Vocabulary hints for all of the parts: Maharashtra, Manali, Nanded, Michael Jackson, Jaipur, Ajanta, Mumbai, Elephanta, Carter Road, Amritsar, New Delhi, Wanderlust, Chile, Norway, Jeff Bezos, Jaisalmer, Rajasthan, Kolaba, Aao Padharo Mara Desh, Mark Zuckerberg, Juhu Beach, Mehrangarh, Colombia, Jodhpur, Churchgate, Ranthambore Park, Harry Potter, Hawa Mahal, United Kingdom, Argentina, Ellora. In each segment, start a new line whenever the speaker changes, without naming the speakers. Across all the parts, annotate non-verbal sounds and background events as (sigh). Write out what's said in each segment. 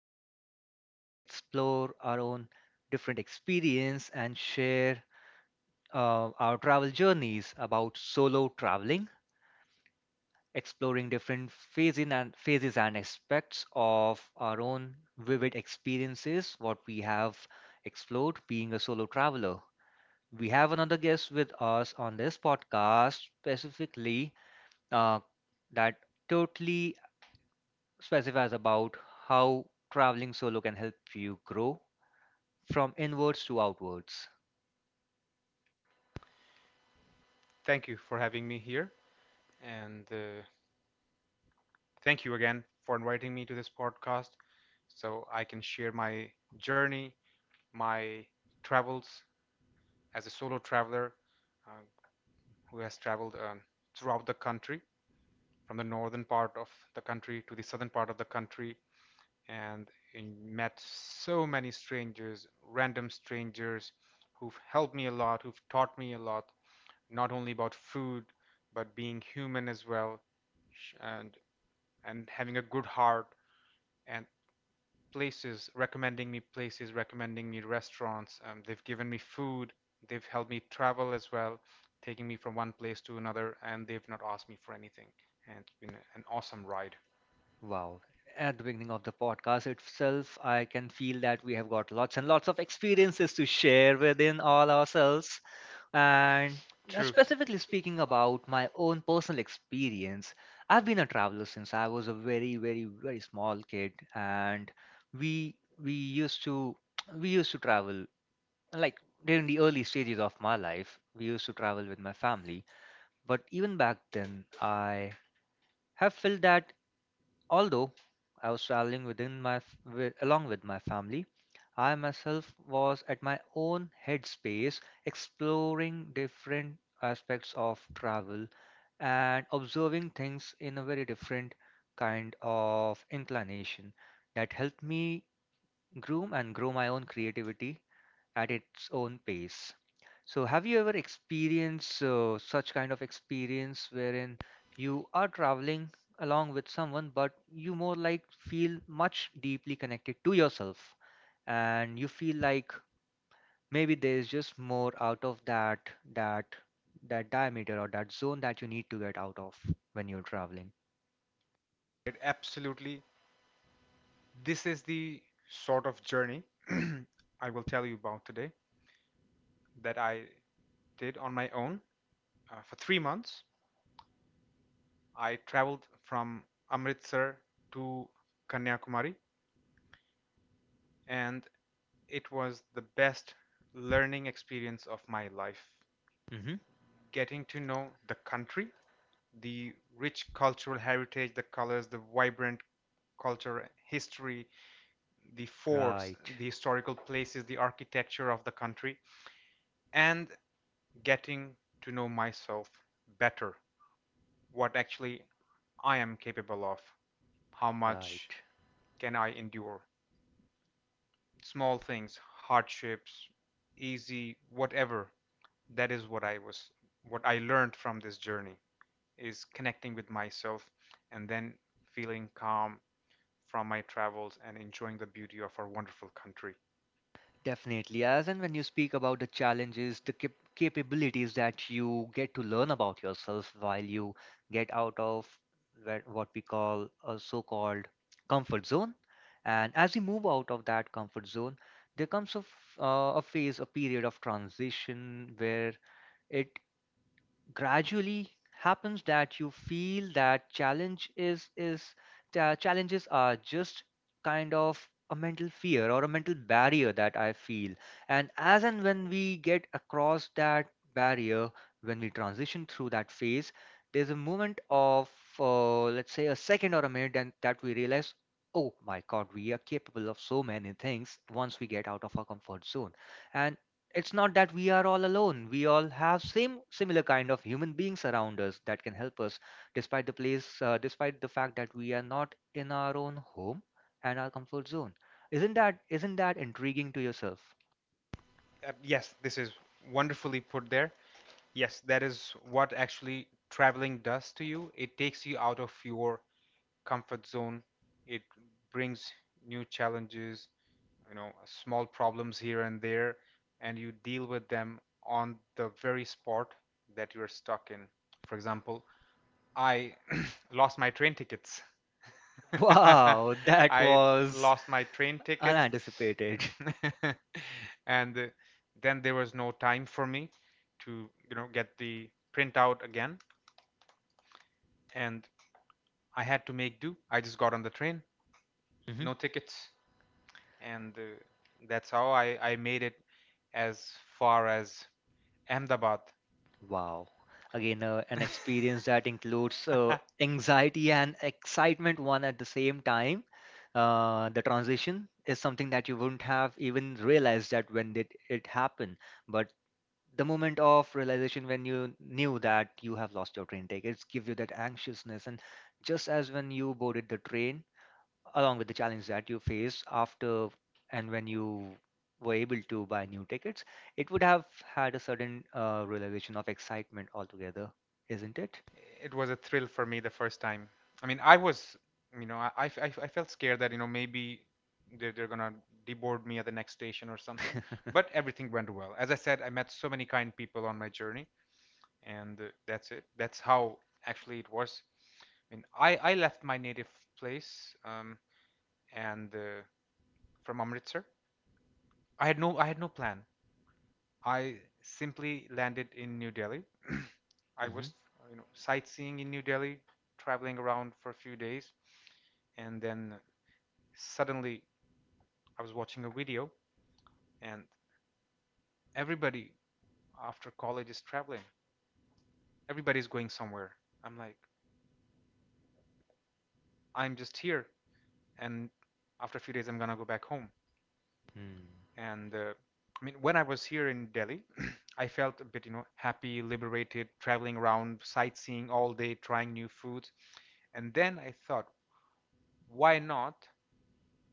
we are going to explore our own different experience and share our travel journeys about solo traveling, exploring different phases and phases and aspects of our own vivid experiences, what we have explored being a solo traveler. We have another guest with us on this podcast specifically uh, that totally specifies about how traveling solo can help you grow from inwards to outwards.
Thank you for having me here, and thank you again for inviting me to this podcast so I can share my journey, my travels as a solo traveler uh, who has traveled throughout the country, from the northern part of the country to the southern part of the country, and met so many strangers, random strangers who've helped me a lot, who've taught me a lot, not only about food, but being human as well. sh- and. And having a good heart and places recommending me restaurants. They've given me food, they've helped me travel as well, taking me from one place to another, and they've not asked me for anything, and it's been an awesome ride.
Wow. At the beginning of the podcast itself, I can feel that we have got lots and lots of experiences to share within all ourselves. And
True.
specifically speaking about my own personal experience, I've been a traveler since I was a very, very, very small kid, and we we used to we used to travel like during the early stages of my life, we used to travel with my family. But even back then, I have felt that although I was traveling within my along with my family, I myself was at my own headspace, exploring different aspects of travel and observing things in a very different kind of inclination that helped me groom and grow my own creativity at its own pace. So, have you ever experienced such kind of experience wherein you are traveling along with someone, but you more like feel much deeply connected to yourself, and you feel like maybe there is just more out of that that diameter or that zone that you need to get out of when you're traveling.
It absolutely this is the sort of journey (clears throat) I will tell you about today that I did on my own for 3 months. I traveled from Amritsar to Kanyakumari, and it was the best learning experience of my life.
Hmm.
Getting to know the country, the rich cultural heritage, the colors, the vibrant culture, history, the forts,
Right,
the historical places, the architecture of the country, and getting to know myself better. What actually I am capable of, how much
right.
can I endure? Small things, hardships, easy, whatever. That is what I was What I learned from this journey is connecting with myself and then feeling calm from my travels and enjoying the beauty of our wonderful country.
Definitely, as and when you speak about the challenges, the capabilities that you get to learn about yourself while you get out of where, what we call a so-called comfort zone, and as you move out of that comfort zone, there comes a phase, a period of transition where it gradually happens that you feel that challenges are just kind of a mental fear or a mental barrier that I feel, and as and when we get across that barrier, when we transition through that phase, there's a moment of, let's say, a second or a minute, and that we realize, oh my god, we are capable of so many things once we get out of our comfort zone. And it's not that we are all alone, we all have same similar kind of human beings around us that can help us despite the place, despite the fact that we are not in our own home and our comfort zone. Isn't that intriguing to yourself?
Yes, this is wonderfully put there. Yes, that is what actually traveling does to you. It takes you out of your comfort zone. It brings new challenges, you know, small problems here and there, and you deal with them on the very spot that you're stuck in. For example, I (clears throat) lost my train tickets.
(laughs)
Wow, (laughs) that
Wow, that
I was
was
lost my train tickets.
unanticipated.
That is (laughs) crazy. And then there was no time for me to, you know, get the printout again. And I had to make do. I just got on the train, no
(laughs)
tickets. And that's how I made it as far as Ahmedabad.
Wow. Again, an experience that includes
(laughs)
anxiety and excitement, one at the same time. The transition is something that you wouldn't have even realized that when did it happen. But the moment of realization when you knew that you have lost your train tickets give you that anxiousness. And just as when you boarded the train, along with the challenge that you faced after and when you were able to buy new tickets, it would have had a certain realization of excitement altogether, isn't it?
It was a thrill for me the first time. I mean, I was, you know, I felt scared that, you know, maybe they're going to deboard me at the next station or something.
(laughs)
But everything went well. As I said, I met so many kind people on my journey, and that's it. That's how actually it was. I mean, I left my native place, and from Amritsar. I had no plan. I simply landed in New Delhi. (clears throat) I was,
Hmm.
you know, sightseeing in New Delhi, traveling around for a few days, and then suddenly I was watching a video, and everybody after college is traveling. Everybody's going somewhere. I'm like, I'm just here, and after a few days, I'm gonna go back home.
Hmm.
And I mean, when I was here in Delhi, I felt a bit, you know, happy, liberated, traveling around, sightseeing all day, trying new foods. And then I thought, why not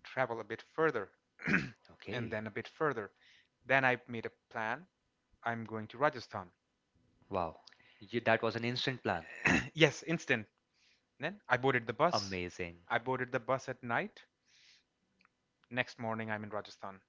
travel a bit further (clears throat) and
Okay.
then a bit further? Then I made a plan. I'm going to Rajasthan.
Wow. You, that was an instant plan.
(clears throat) Yes, instant. Then I boarded the bus.
Amazing.
I boarded the bus at night. Next morning, I'm in Rajasthan.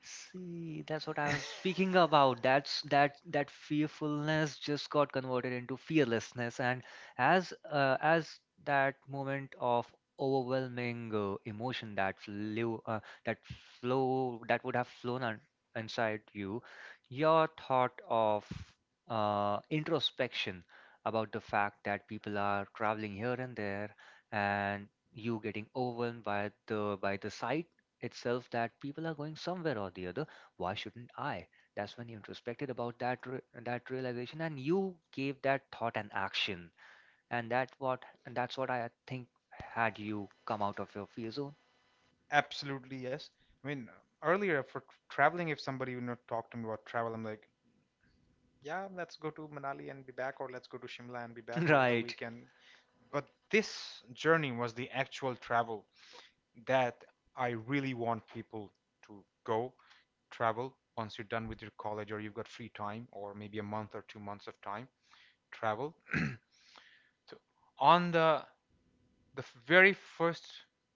See, that's what I was speaking
(laughs)
about. That's that fearfulness just got converted into fearlessness, and as that moment of overwhelming emotion that flew that flow that would have flown on, inside you, your thought of introspection about the fact that people are traveling here and there, and you getting overwhelmed by the sight itself that people are going somewhere or the other, why shouldn't I? That's when you introspected about that realization, and you gave that thought an action. And that's what I think had you come out of your fear zone.
Absolutely, yes. I mean, earlier for traveling, if somebody you know talked to me about travel, I'm like, yeah, let's go to Manali and be back, or let's go to Shimla and be
(laughs)
back over the
Right.
weekend. But this journey was the actual travel. That I really want people to go travel once you're done with your college, or you've got free time, or maybe a month or 2 months of time. Travel. So on the very first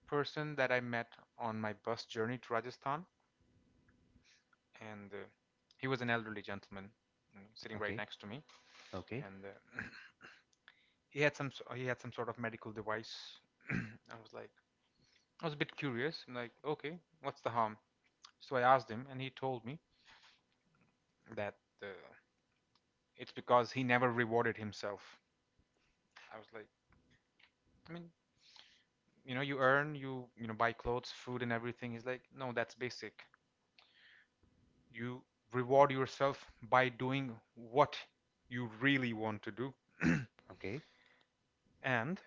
person that I met on my bus journey to Rajasthan, and he was an elderly gentleman, you know, sitting right
Okay.
next to me.
Okay.
And (clears throat) he had some he had some sort of medical device. (clears throat) I was like, I was a bit curious. I'm like, okay, what's the harm? So I asked him, and he told me that uh, it's because he never rewarded himself. I was like, I mean, you know, you earn, you know, buy clothes, food, and everything. He's like, no, that's basic. You reward yourself by doing what you really want to do.
Okay.
And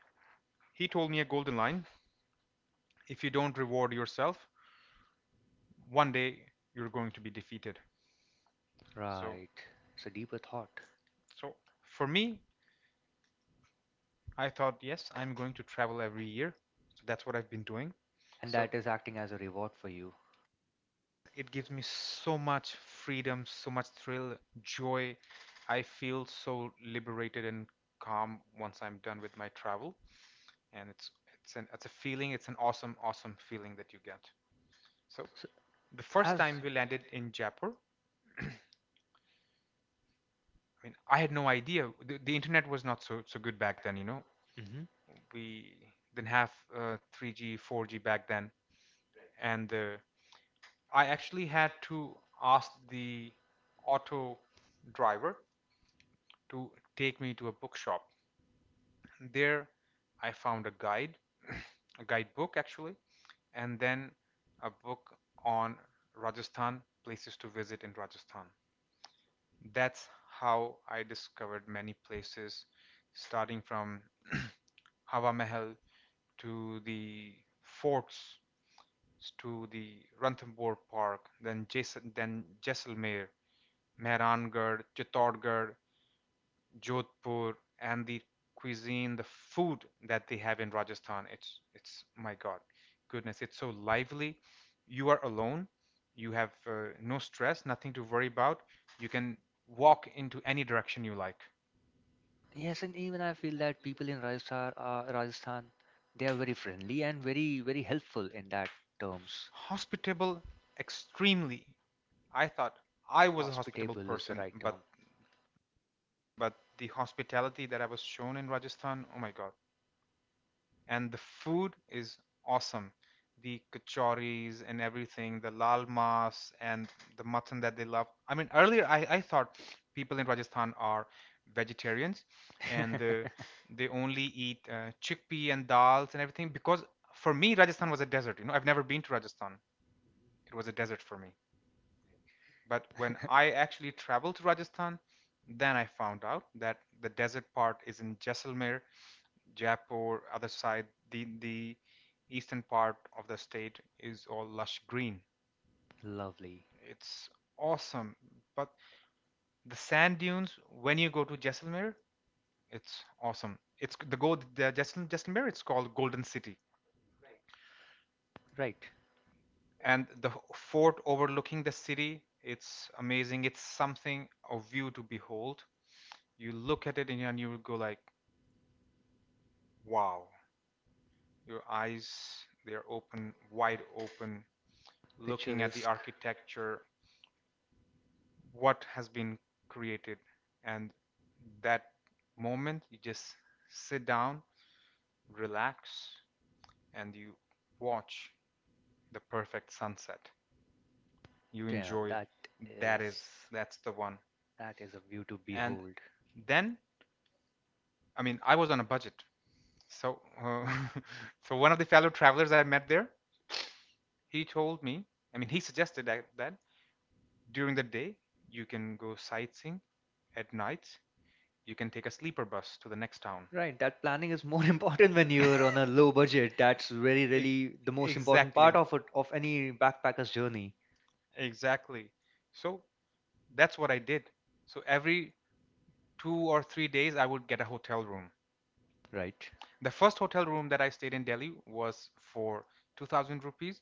he told me a golden line: if you don't reward yourself, one day you're going to be defeated. So,
Right. So deeper thought.
so, for me, I thought, yes, I'm going to travel every year. So that's what I've been doing.
And
So
that is acting as a reward for you.
it gives me so much freedom, so much thrill, joy. I feel so liberated and calm once I'm done with my travel. And it's a feeling, it's an awesome, awesome feeling that you get. So
So,
the
as.
first time we landed in Jaipur, I mean, I had no idea. The internet was not so good back then, you know.
Hmm.
We didn't have 3G, 4G back then, and I actually had to ask the auto driver to take me to a bookshop. There, I found a guide, (clears throat) a guidebook actually, and then a book on Rajasthan, places to visit in Rajasthan. That's how I discovered many places, starting from Hawa Mahal to the forts, to the Ranthambore Park, then Jason, then Jaisalmer, Mehrangarh, Chittorgarh, Jodhpur, and the cuisine, the food that they have in Rajasthan. It's My God, goodness, it's so lively. You are alone. You have no stress, nothing to worry about. You can walk into any direction you like.
Yes, and even I feel that people in Rajasthan, they are very friendly and very, very helpful in that terms.
Hospitable, extremely. I thought I was a hospitable
Hospitable is the
person,
right
but
term.
the hospitality that I was shown in Rajasthan, oh my God, and the food is awesome. The kachoris and everything, the lal mas and the mutton that they love. I mean, earlier I thought people in Rajasthan are vegetarians, and
(laughs)
they only eat chickpea and dals and everything, because for me, Rajasthan was a desert. You know, I've never been to Rajasthan, it was a desert for me. But when I actually traveled to Rajasthan, then I found out that the desert part is in Jaisalmer. Jaipur, other side, the eastern part of the state is all lush green.
Lovely.
It's awesome. But the sand dunes, when you go to Jaisalmer, it's awesome. It's the gold the Jaisal, Jaisalmer, it's called Golden City.
Right.
And the fort overlooking the city, it's amazing. It's something, a view to behold. You look at it and you will go like, wow. Your eyes, they're open, wide open, looking at the
Picturesque.
architecture, what has been created, and that moment you just sit down, relax, and you watch the perfect sunset, you
Damn,
enjoy. that is
is
that's the one.
that is a view to
And
behold.
then, I mean, I was on a budget, so (laughs) so one of the fellow travelers I met there, he told me, I mean, he suggested that during the day you can go sightseeing, at night you can take a sleeper bus to the next town.
Right, that planning is more (laughs) important when you're on a low budget. That's really,
Ex-
really the most important
Exactly.
part of it, of any backpacker's journey,
Exactly. So that's what I did. So every 2 or 3 days, I would get a hotel room.
right?
The first hotel room that I stayed in Delhi was for 2000 rupees.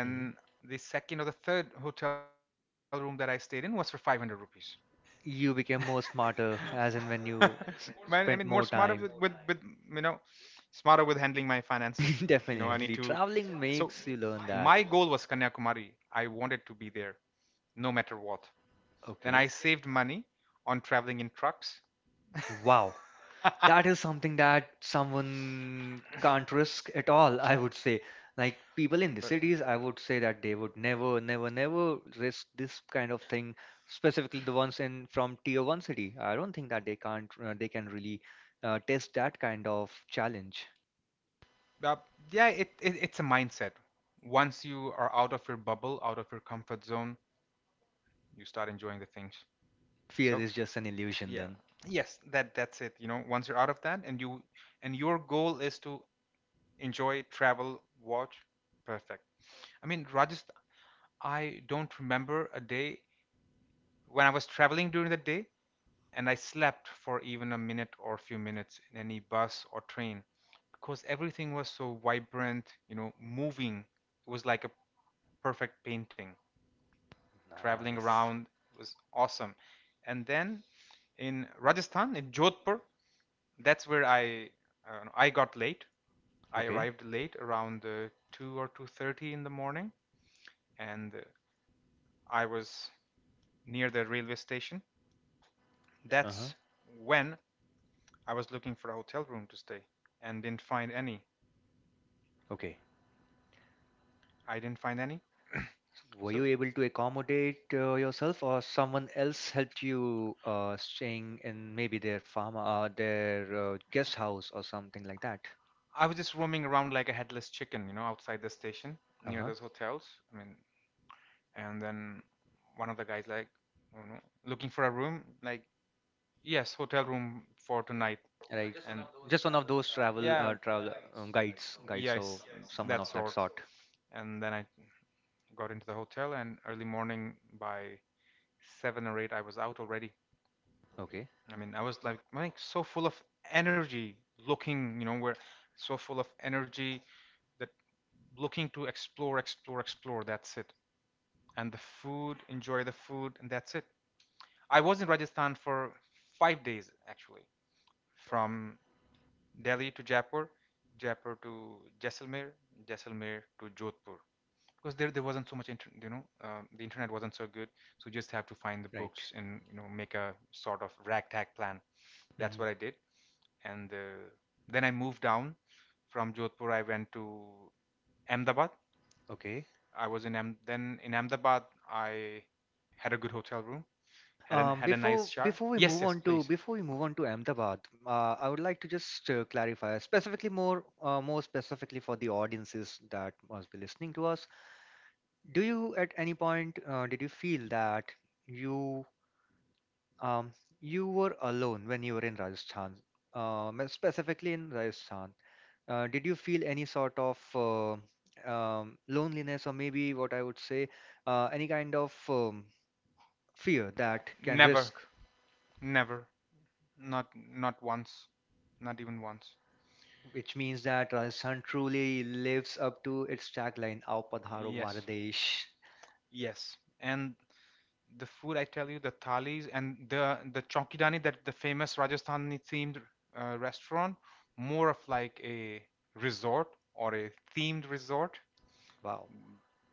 Hmm.
the second or the third hotel room that I stayed in was for 500 rupees.
You became more smarter as and when
(laughs)
you
Man, I mean, more smarter
spent
with,
more time.
you know, smarter with handling my finances. You
(laughs)
know, I need to.
Definitely, traveling
So,
makes you learn
my
that.
goal was Kanyakumari. I wanted to be there, no matter what. Then
Okay.
I saved money on traveling in trucks.
Wow. That is
(laughs)
something that someone can't risk at all, I would say. Like people in the
But-
cities, I would say that they would never, never, never risk this kind of thing, specifically the ones in from tier one city. I don't think that they can't, they can really test that kind of challenge.
Uh, yeah, it's a mindset. Once you are out of your bubble, out of your comfort zone, you start enjoying the things.
Fear
So
is just an illusion
yeah,
then.
yes, that's it, you know, once you're out of that, and you, and your goal is to enjoy travel, watch, perfect. I mean, Rajesh, I don't remember a day when I was traveling during the day and I slept for even a minute or a few minutes in any bus or train, because everything was so vibrant, you know, moving, it was like a perfect painting traveling
Nice.
around. It was awesome. And then in Rajasthan, in Jodhpur, that's where I got late. I
Okay.
arrived late around 2 or 2:30 in the morning, and I was near the railway station.
Uh-huh.
That's when I was looking for a hotel room to stay and didn't find any. I didn't find any.
Were
So
you
were you
able
able
to
to
accommodate
accommodate yourself,
yourself, or
or
someone
someone
else
else helped
helped
you
you
staying
staying
in
in
maybe
maybe their
their
farm,
farmhouse?
their guest house, or something like that?
I was just roaming around like a headless chicken, you know, outside the station near
Uh-huh.
those hotels. I mean, and then one of the guys, like, you know, looking for a room, like, yes, hotel room for tonight,
Like just
and
one of those travel
yeah,
guides, or
yes,
someone of that
that
sort.
sort. And then I got into the hotel, and early morning by seven or eight I was out already.
Okay,
I mean, I was like so full of energy. Looking you know we're So full of energy that, looking to explore, explore, explore, that's it. And the food, enjoy the food, and that's it. I was in Rajasthan for 5 days actually, from Delhi to Jaipur, Jaipur to Jaisalmer, Jaisalmer to Jodhpur. Because there wasn't so much the internet wasn't so good, so you just have to find the
right.
books and, you know, make a sort of ragtag plan. That's
Mhm.
what I did, and then I moved down from Jodhpur. I went to Ahmedabad.
Okay.
I was in then in Ahmedabad. I had a good hotel room, had a
Before
nice shower.
before we
Yes,
move
yes,
on to,
please.
before we move on to Ahmedabad, I would like to just clarify specifically more, more specifically, for the audiences that must be listening to us. Do you at any point, did you feel that you um, you were alone when you were in Rajasthan, and specifically in Rajasthan? Did you feel any sort of loneliness, or maybe what I would say, any kind of fear that can
Never,
risk,
never, not once, not even once.
which means that Rajasthan truly lives up to its tagline, "Aao Padharo Mara
Yes,
Desh."
yes. And the food, I tell you, the thalis and the chokidani, that the famous Rajasthani themed restaurant, more of like a resort or a themed resort.
Wow.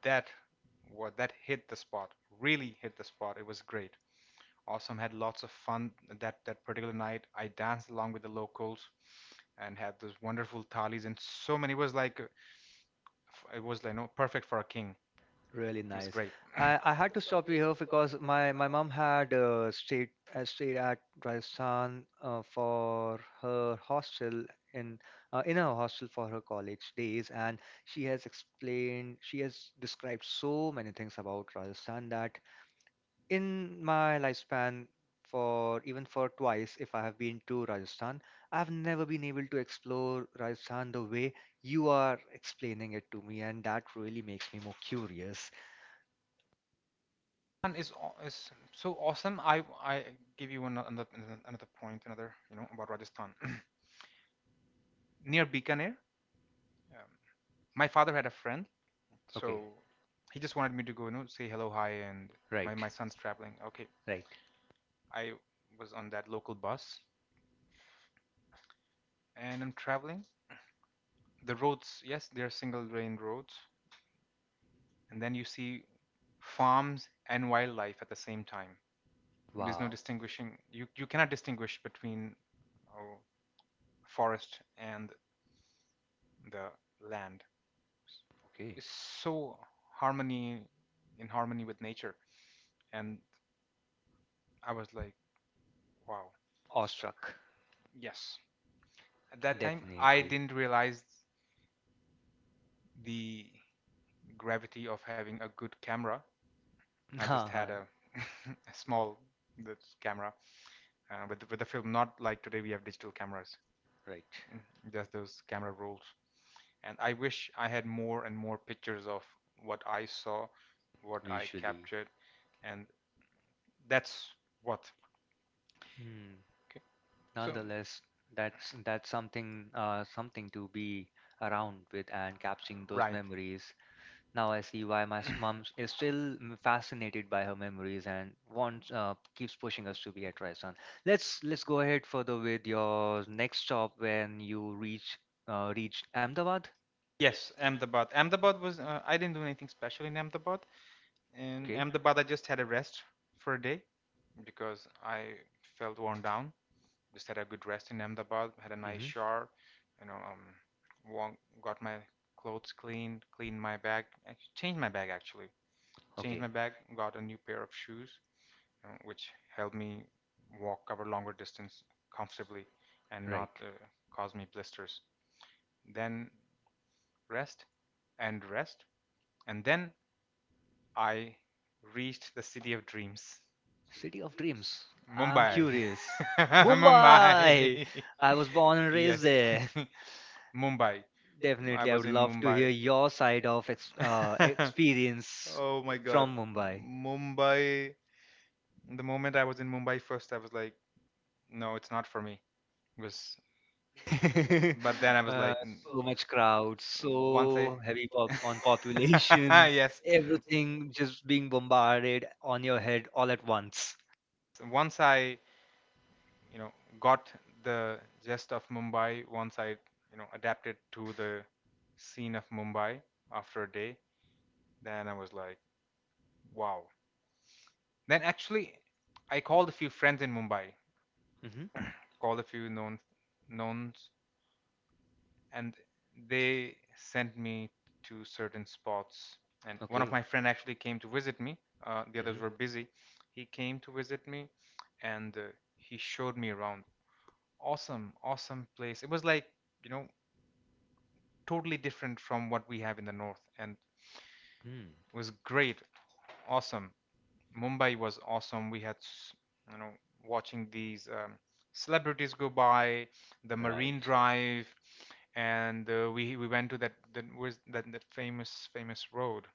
That that hit the spot, really hit the spot. It was great. Awesome. Had lots of fun that particular night. I danced along with the locals and had those wonderful thalis and so many. Was like it was like, no, perfect for a king.
Really
It was
nice.
great.
I had to stop you here because my mom had stayed at Rajasthan for her hostel in, in her hostel for her college days, and she has described so many things about Rajasthan that in my lifespan, for even for twice if I have been to Rajasthan, I've never been able to explore Rajasthan the way you are explaining it to me, and that really makes me more curious.
And is is so awesome. I give you another point, another, you know, about Rajasthan. (clears throat) Near Bikaner, um, my father had a friend, so
Okay,
he just wanted me to go, you know, say hello, hi, and my
right,
son's traveling. Okay,
right.
I was on that local bus and I'm traveling. The roads, yes, they are single lane roads, and then you see farms and wildlife at the same time. There's no
Wow,
distinguishing. You cannot distinguish between uh, forest and the land.
okay.
It's so harmony, in harmony with nature, and I was like, wow,
Awestruck,
yes. At that time, I
definitely. (laughs)
didn't realize the gravity of having a good camera. I just had
Nah,
a, (laughs) a small this camera with the film. Not like today we have digital cameras.
right,
Mm, just those camera rolls. And I wish I had more and more pictures of what I saw, what I
visually.
captured, and that's what.
Hmm.
Okay. So uh,
Nonetheless, that's something, something to be around with and capturing those
right.
memories. Now I see why my mom is still fascinated by her memories and wants, keeps pushing us to be a Trison. Let's go ahead further with your next stop when you reach Ahmedabad.
Yes, Ahmedabad. Ahmedabad was I didn't do anything special in Ahmedabad. In
Okay.
Ahmedabad, I just had a rest for a day because I felt worn down, just had a good rest in Ahmedabad, had a nice
Hmm.
shower, you know, um, got my clothes cleaned, cleaned my bag, changed my bag actually, changed
Okay,
my bag, got a new pair of shoes, which helped me walk cover longer distance comfortably and
right.
not cause me blisters. Then rest and rest, and then I reached the city of dreams.
City of Dreams. I'm
Mumbai.
curious.
(laughs)
Mumbai!
Mumbai.
I was born and
Yes.
raised there.
(laughs) Mumbai.
(laughs)
I
Definitely, I
was
would
in
love to
Mumbai.
hear your side of
(laughs)
experience
Oh my god.
from Mumbai.
Mumbai. The moment I was in Mumbai first, I was like, no, it's not for me. It was,
(laughs)
but then I was (laughs)
Uh,
like, "Mm,
so much crowd,
once I."
so heavy pop- on population,
(laughs) Yes.
everything just being bombarded on your head all at once.
Once I, you know, got the gist of Mumbai, once I, you know, adapted to the scene of Mumbai after a day. Then I was like, wow. Then actually, I called a few friends in Mumbai,
Hmm.
called a few known knowns, and they sent me to certain spots. And one
Okay.
of my friend actually came to visit me. The others were
Hmm.
busy. He came to visit me, and he showed me around. Awesome, awesome place. It was like, you know, totally different from what we have in the north. And
Hmm.
was great, awesome. Mumbai was awesome. We had you know, watching these celebrities go by the Marine
Right.
Drive, and we went to that that famous road.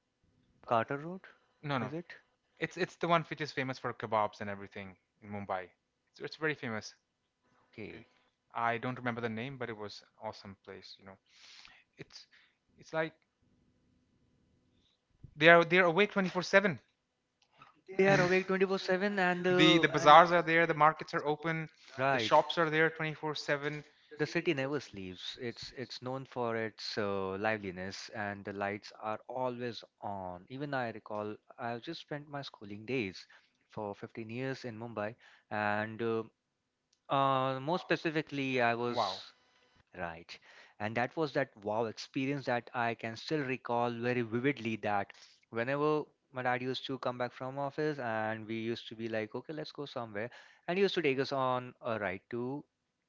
Carter Road,
No,
is it?
it's the one which is famous for kebabs and everything in Mumbai. It's very famous. Okay,
Okay.
I don't remember the name, but it was an awesome place, you know. It's like they are awake 24/7.
They are awake
(laughs)
24/7, and uh,
The
and
bazaars are there, the markets are open, the
right.
shops are there 24/7.
The city never sleeps. It's known for its liveliness and the lights are always on. Even I recall I've just spent my schooling days for 15 years in Mumbai, and more specifically I
Wow.
was. Right. And that was that wow experience that I can still recall very vividly that whenever my dad used to come back from office and we used to be like, okay, let's go somewhere. And he used to take us on a ride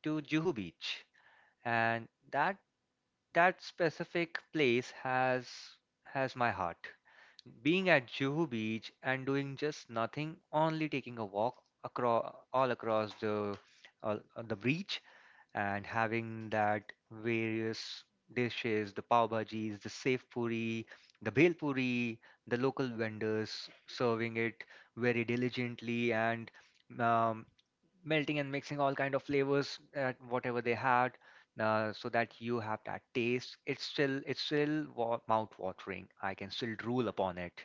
to Juhu Beach. And that that specific place has my heart. Being at Juhu Beach and doing just nothing, only taking a walk across the the beach and having that various dishes, the pav bhajis, the safe puri, the bhel puri, the local vendors serving it very diligently and, um, melting and mixing all kind of flavors at whatever they had. So that you have that taste, it's still mouth watering. I can still drool upon it.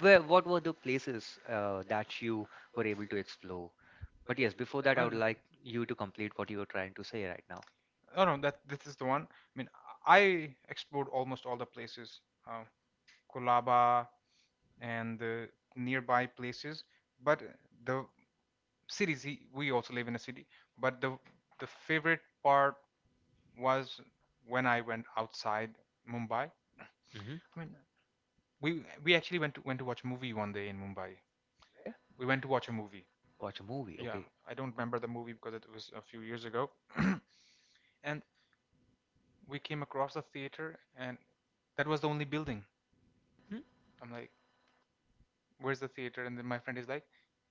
Where what were the places that you were able to explore? But yes, before that, I
Oh,
would like you to complete what you were trying to say right now.
oh no, that this is the one. I mean, I explored almost all the places, uh, Kolaba and the nearby places, but the cities. We also live in a city, but the favorite part was when I went outside Mumbai.
Mm-hmm.
I mean, we went to watch a movie one day in Mumbai.
Yeah,
We went to watch a movie.
watch a movie.
Yeah,
Okay.
I don't remember the movie because it was a few years ago. (clears throat) And we came across the theater, and that was the only building.
Hmm.
I'm like, where's the theater? And then my friend is like,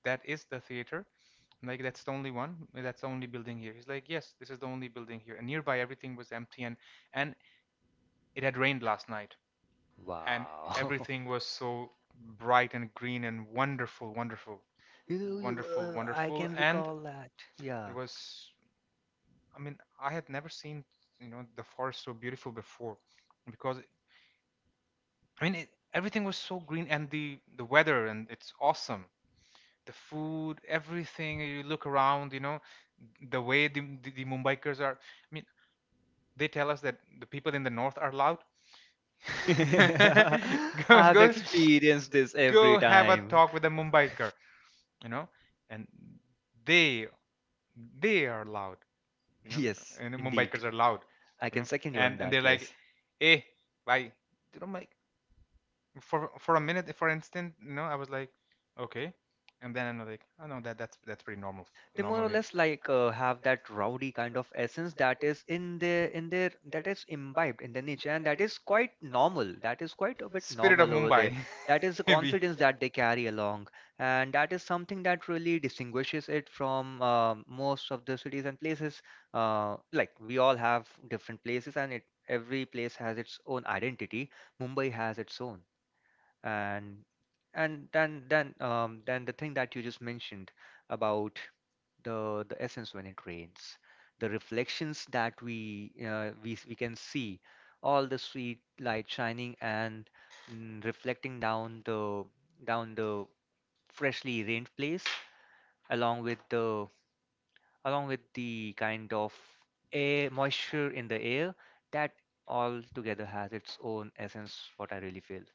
that is the theater. I'm like, that's the only one. That's the only building here. He's like, yes, this is the only building here. And nearby, everything was empty, and and it had rained last night, and
Wow. (laughs)
everything was so bright and green and wonderful, wonderful,
You know, you,
wonderful,
I
wonderful.
can
And
recall that.
it
Yeah.
was. I mean, I had never seen, you know, the forest so beautiful before, because I mean it, everything was so green and the weather and it's awesome. The food, everything. You look around, you know, the way the Mumbaikars are. I mean, they tell us that the people in the north are loud.
(laughs)
(laughs) Go,
I've
go,
experienced this every
go have a
time.
talk with a
(laughs)
Mumbaiker, you know, and they they are loud. You know, yes.
Yes,
And
indeed.
Mumbaikars are loud,
I
you
can
know,
second you
and
on
and
that.
they're like,
Yes.
"Hey, bye." You know, like for a minute, for instant, you know, I was like, "Okay," and then I'm like, "Oh no, that's pretty normal,
They more or
normally."
less like have that rowdy kind of essence that is in their that is imbibed in their nature, and that is quite normal, that is quite a bit
Spirit of
normal over
Mumbai.
there. That is the
(laughs) Maybe.
confidence that they carry along, and that is something that really distinguishes it from, um, most of the cities and places. Uh, like we all have different places, and it every place has its own identity. Mumbai has its own. And the thing that you just mentioned about the essence when it rains, the reflections that we, we can see, all the street light shining and, mm, reflecting down the freshly rained place, along with the kind of air moisture in the air, that all together has its own essence, what I really feel.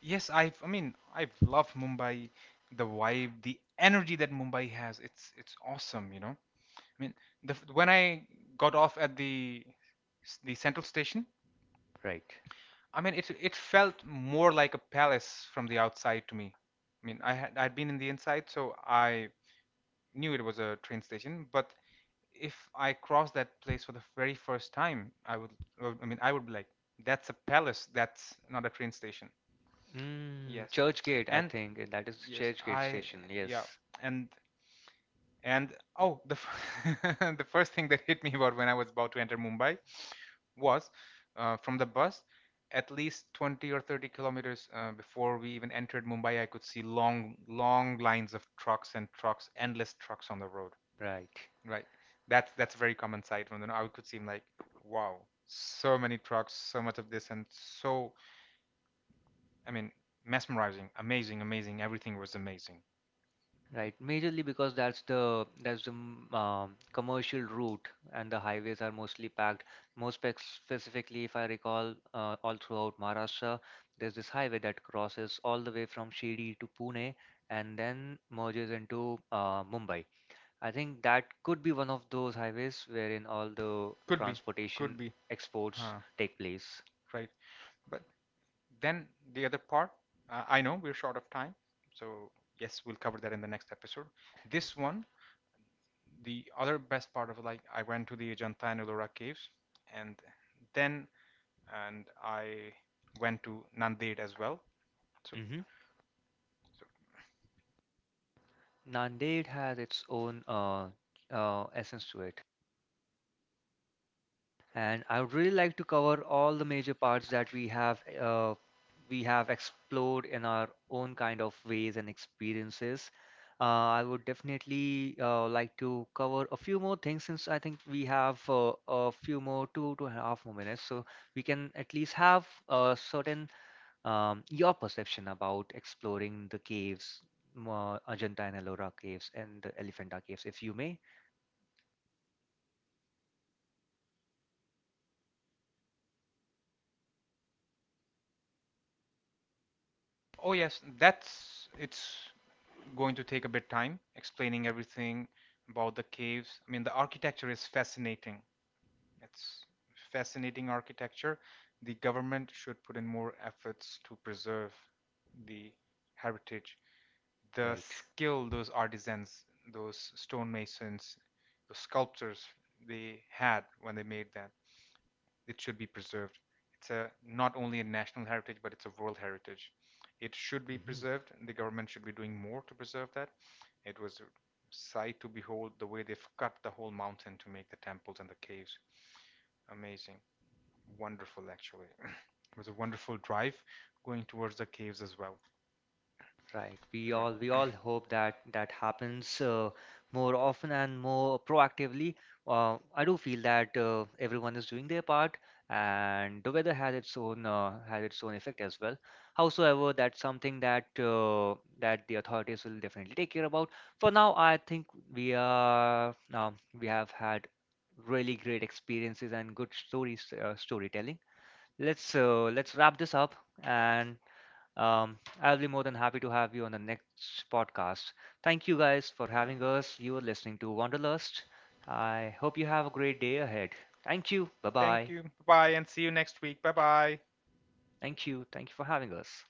Yes, I've. I mean, I've loved Mumbai, the vibe, the energy that Mumbai has. It's awesome, you know. I mean, the, when I got off at the the central station,
Right.
I mean, it felt more like a palace from the outside to me. I mean, I'd been in the inside, so I knew it was a train station. But if I crossed that place for the very first time, I would. I mean, I would be like, "That's a palace. That's not a train station."
Mm,
Yes.
Churchgate, I
And
think eh, that is
yes,
Churchgate
I
station.
yeah.
Yes,
And and oh, (laughs) the first thing that hit me about when I was about to enter Mumbai was from the bus. At least 20 or 30 kilometers before we even entered Mumbai, I could see long, long lines of trucks and trucks, endless trucks on the road.
right,
Right, that's a very common sight. From the no, I could see like, wow, so many trucks, so much of this, and so I mean, mesmerizing, amazing, amazing. Everything was amazing.
right. Majorly because that's the mm, commercial route, and the highways are mostly packed. Most specifically, if I recall, all throughout Maharashtra, there's this highway that crosses all the way from Shirdi to Pune, and then merges into, Mumbai. I think that could be one of those highways wherein all the
Could be, could
transportation
be,
exports
huh?
take place.
But then the other part, I know we're short of time, so yes, we'll cover that in the next episode. This one, the other best part of like I went to the Ajanta and Ellora caves, and then and I went to Nanded as well. So,
Mm-hmm.
so
Nanded has its own, essence to it, and I would really like to cover all the major parts that we have explored in our own kind of ways and experiences. Uh, I would definitely like to cover a few more things since I think we have, a few more two and a half more minutes, so we can at least have a certain, your perception about exploring the caves, Ajanta and Ellora caves and the Elephanta caves, if you may.
oh yes, that's it's going to take a bit time explaining everything about the caves. I mean, the architecture is fascinating. It's fascinating architecture. The government should put in more efforts to preserve the heritage. The
Right.
skill those artisans, those stonemasons, those sculptors, they had when they made that, it should be preserved. It's a not only a national heritage, but it's a world heritage. It should be
Hmm.
preserved. The government should be doing more to preserve that. It was a sight to behold the way they've cut the whole mountain to make the temples and the caves. Amazing, wonderful actually. (clears throat) (laughs) It was a wonderful drive going towards the caves as well.
Right. We all,
We all hope
hope that
that that
that
happens.
happens,
So
more often and more proactively. I do feel that everyone is doing their part, and the weather has its own, has its own effect as well. Howsoever, that's something that that the authorities will definitely take care about. For now, I think we have had really great experiences and good stories, storytelling. Let's wrap this up and, um, I'll be more than happy to have you on the next podcast. Thank you guys for having us. You are listening to Wanderlust. I hope you have a great day ahead. Thank you. Bye
thank
bye.
you. Bye bye, and see you next week. Bye bye.
Thank you. Thank you for having us.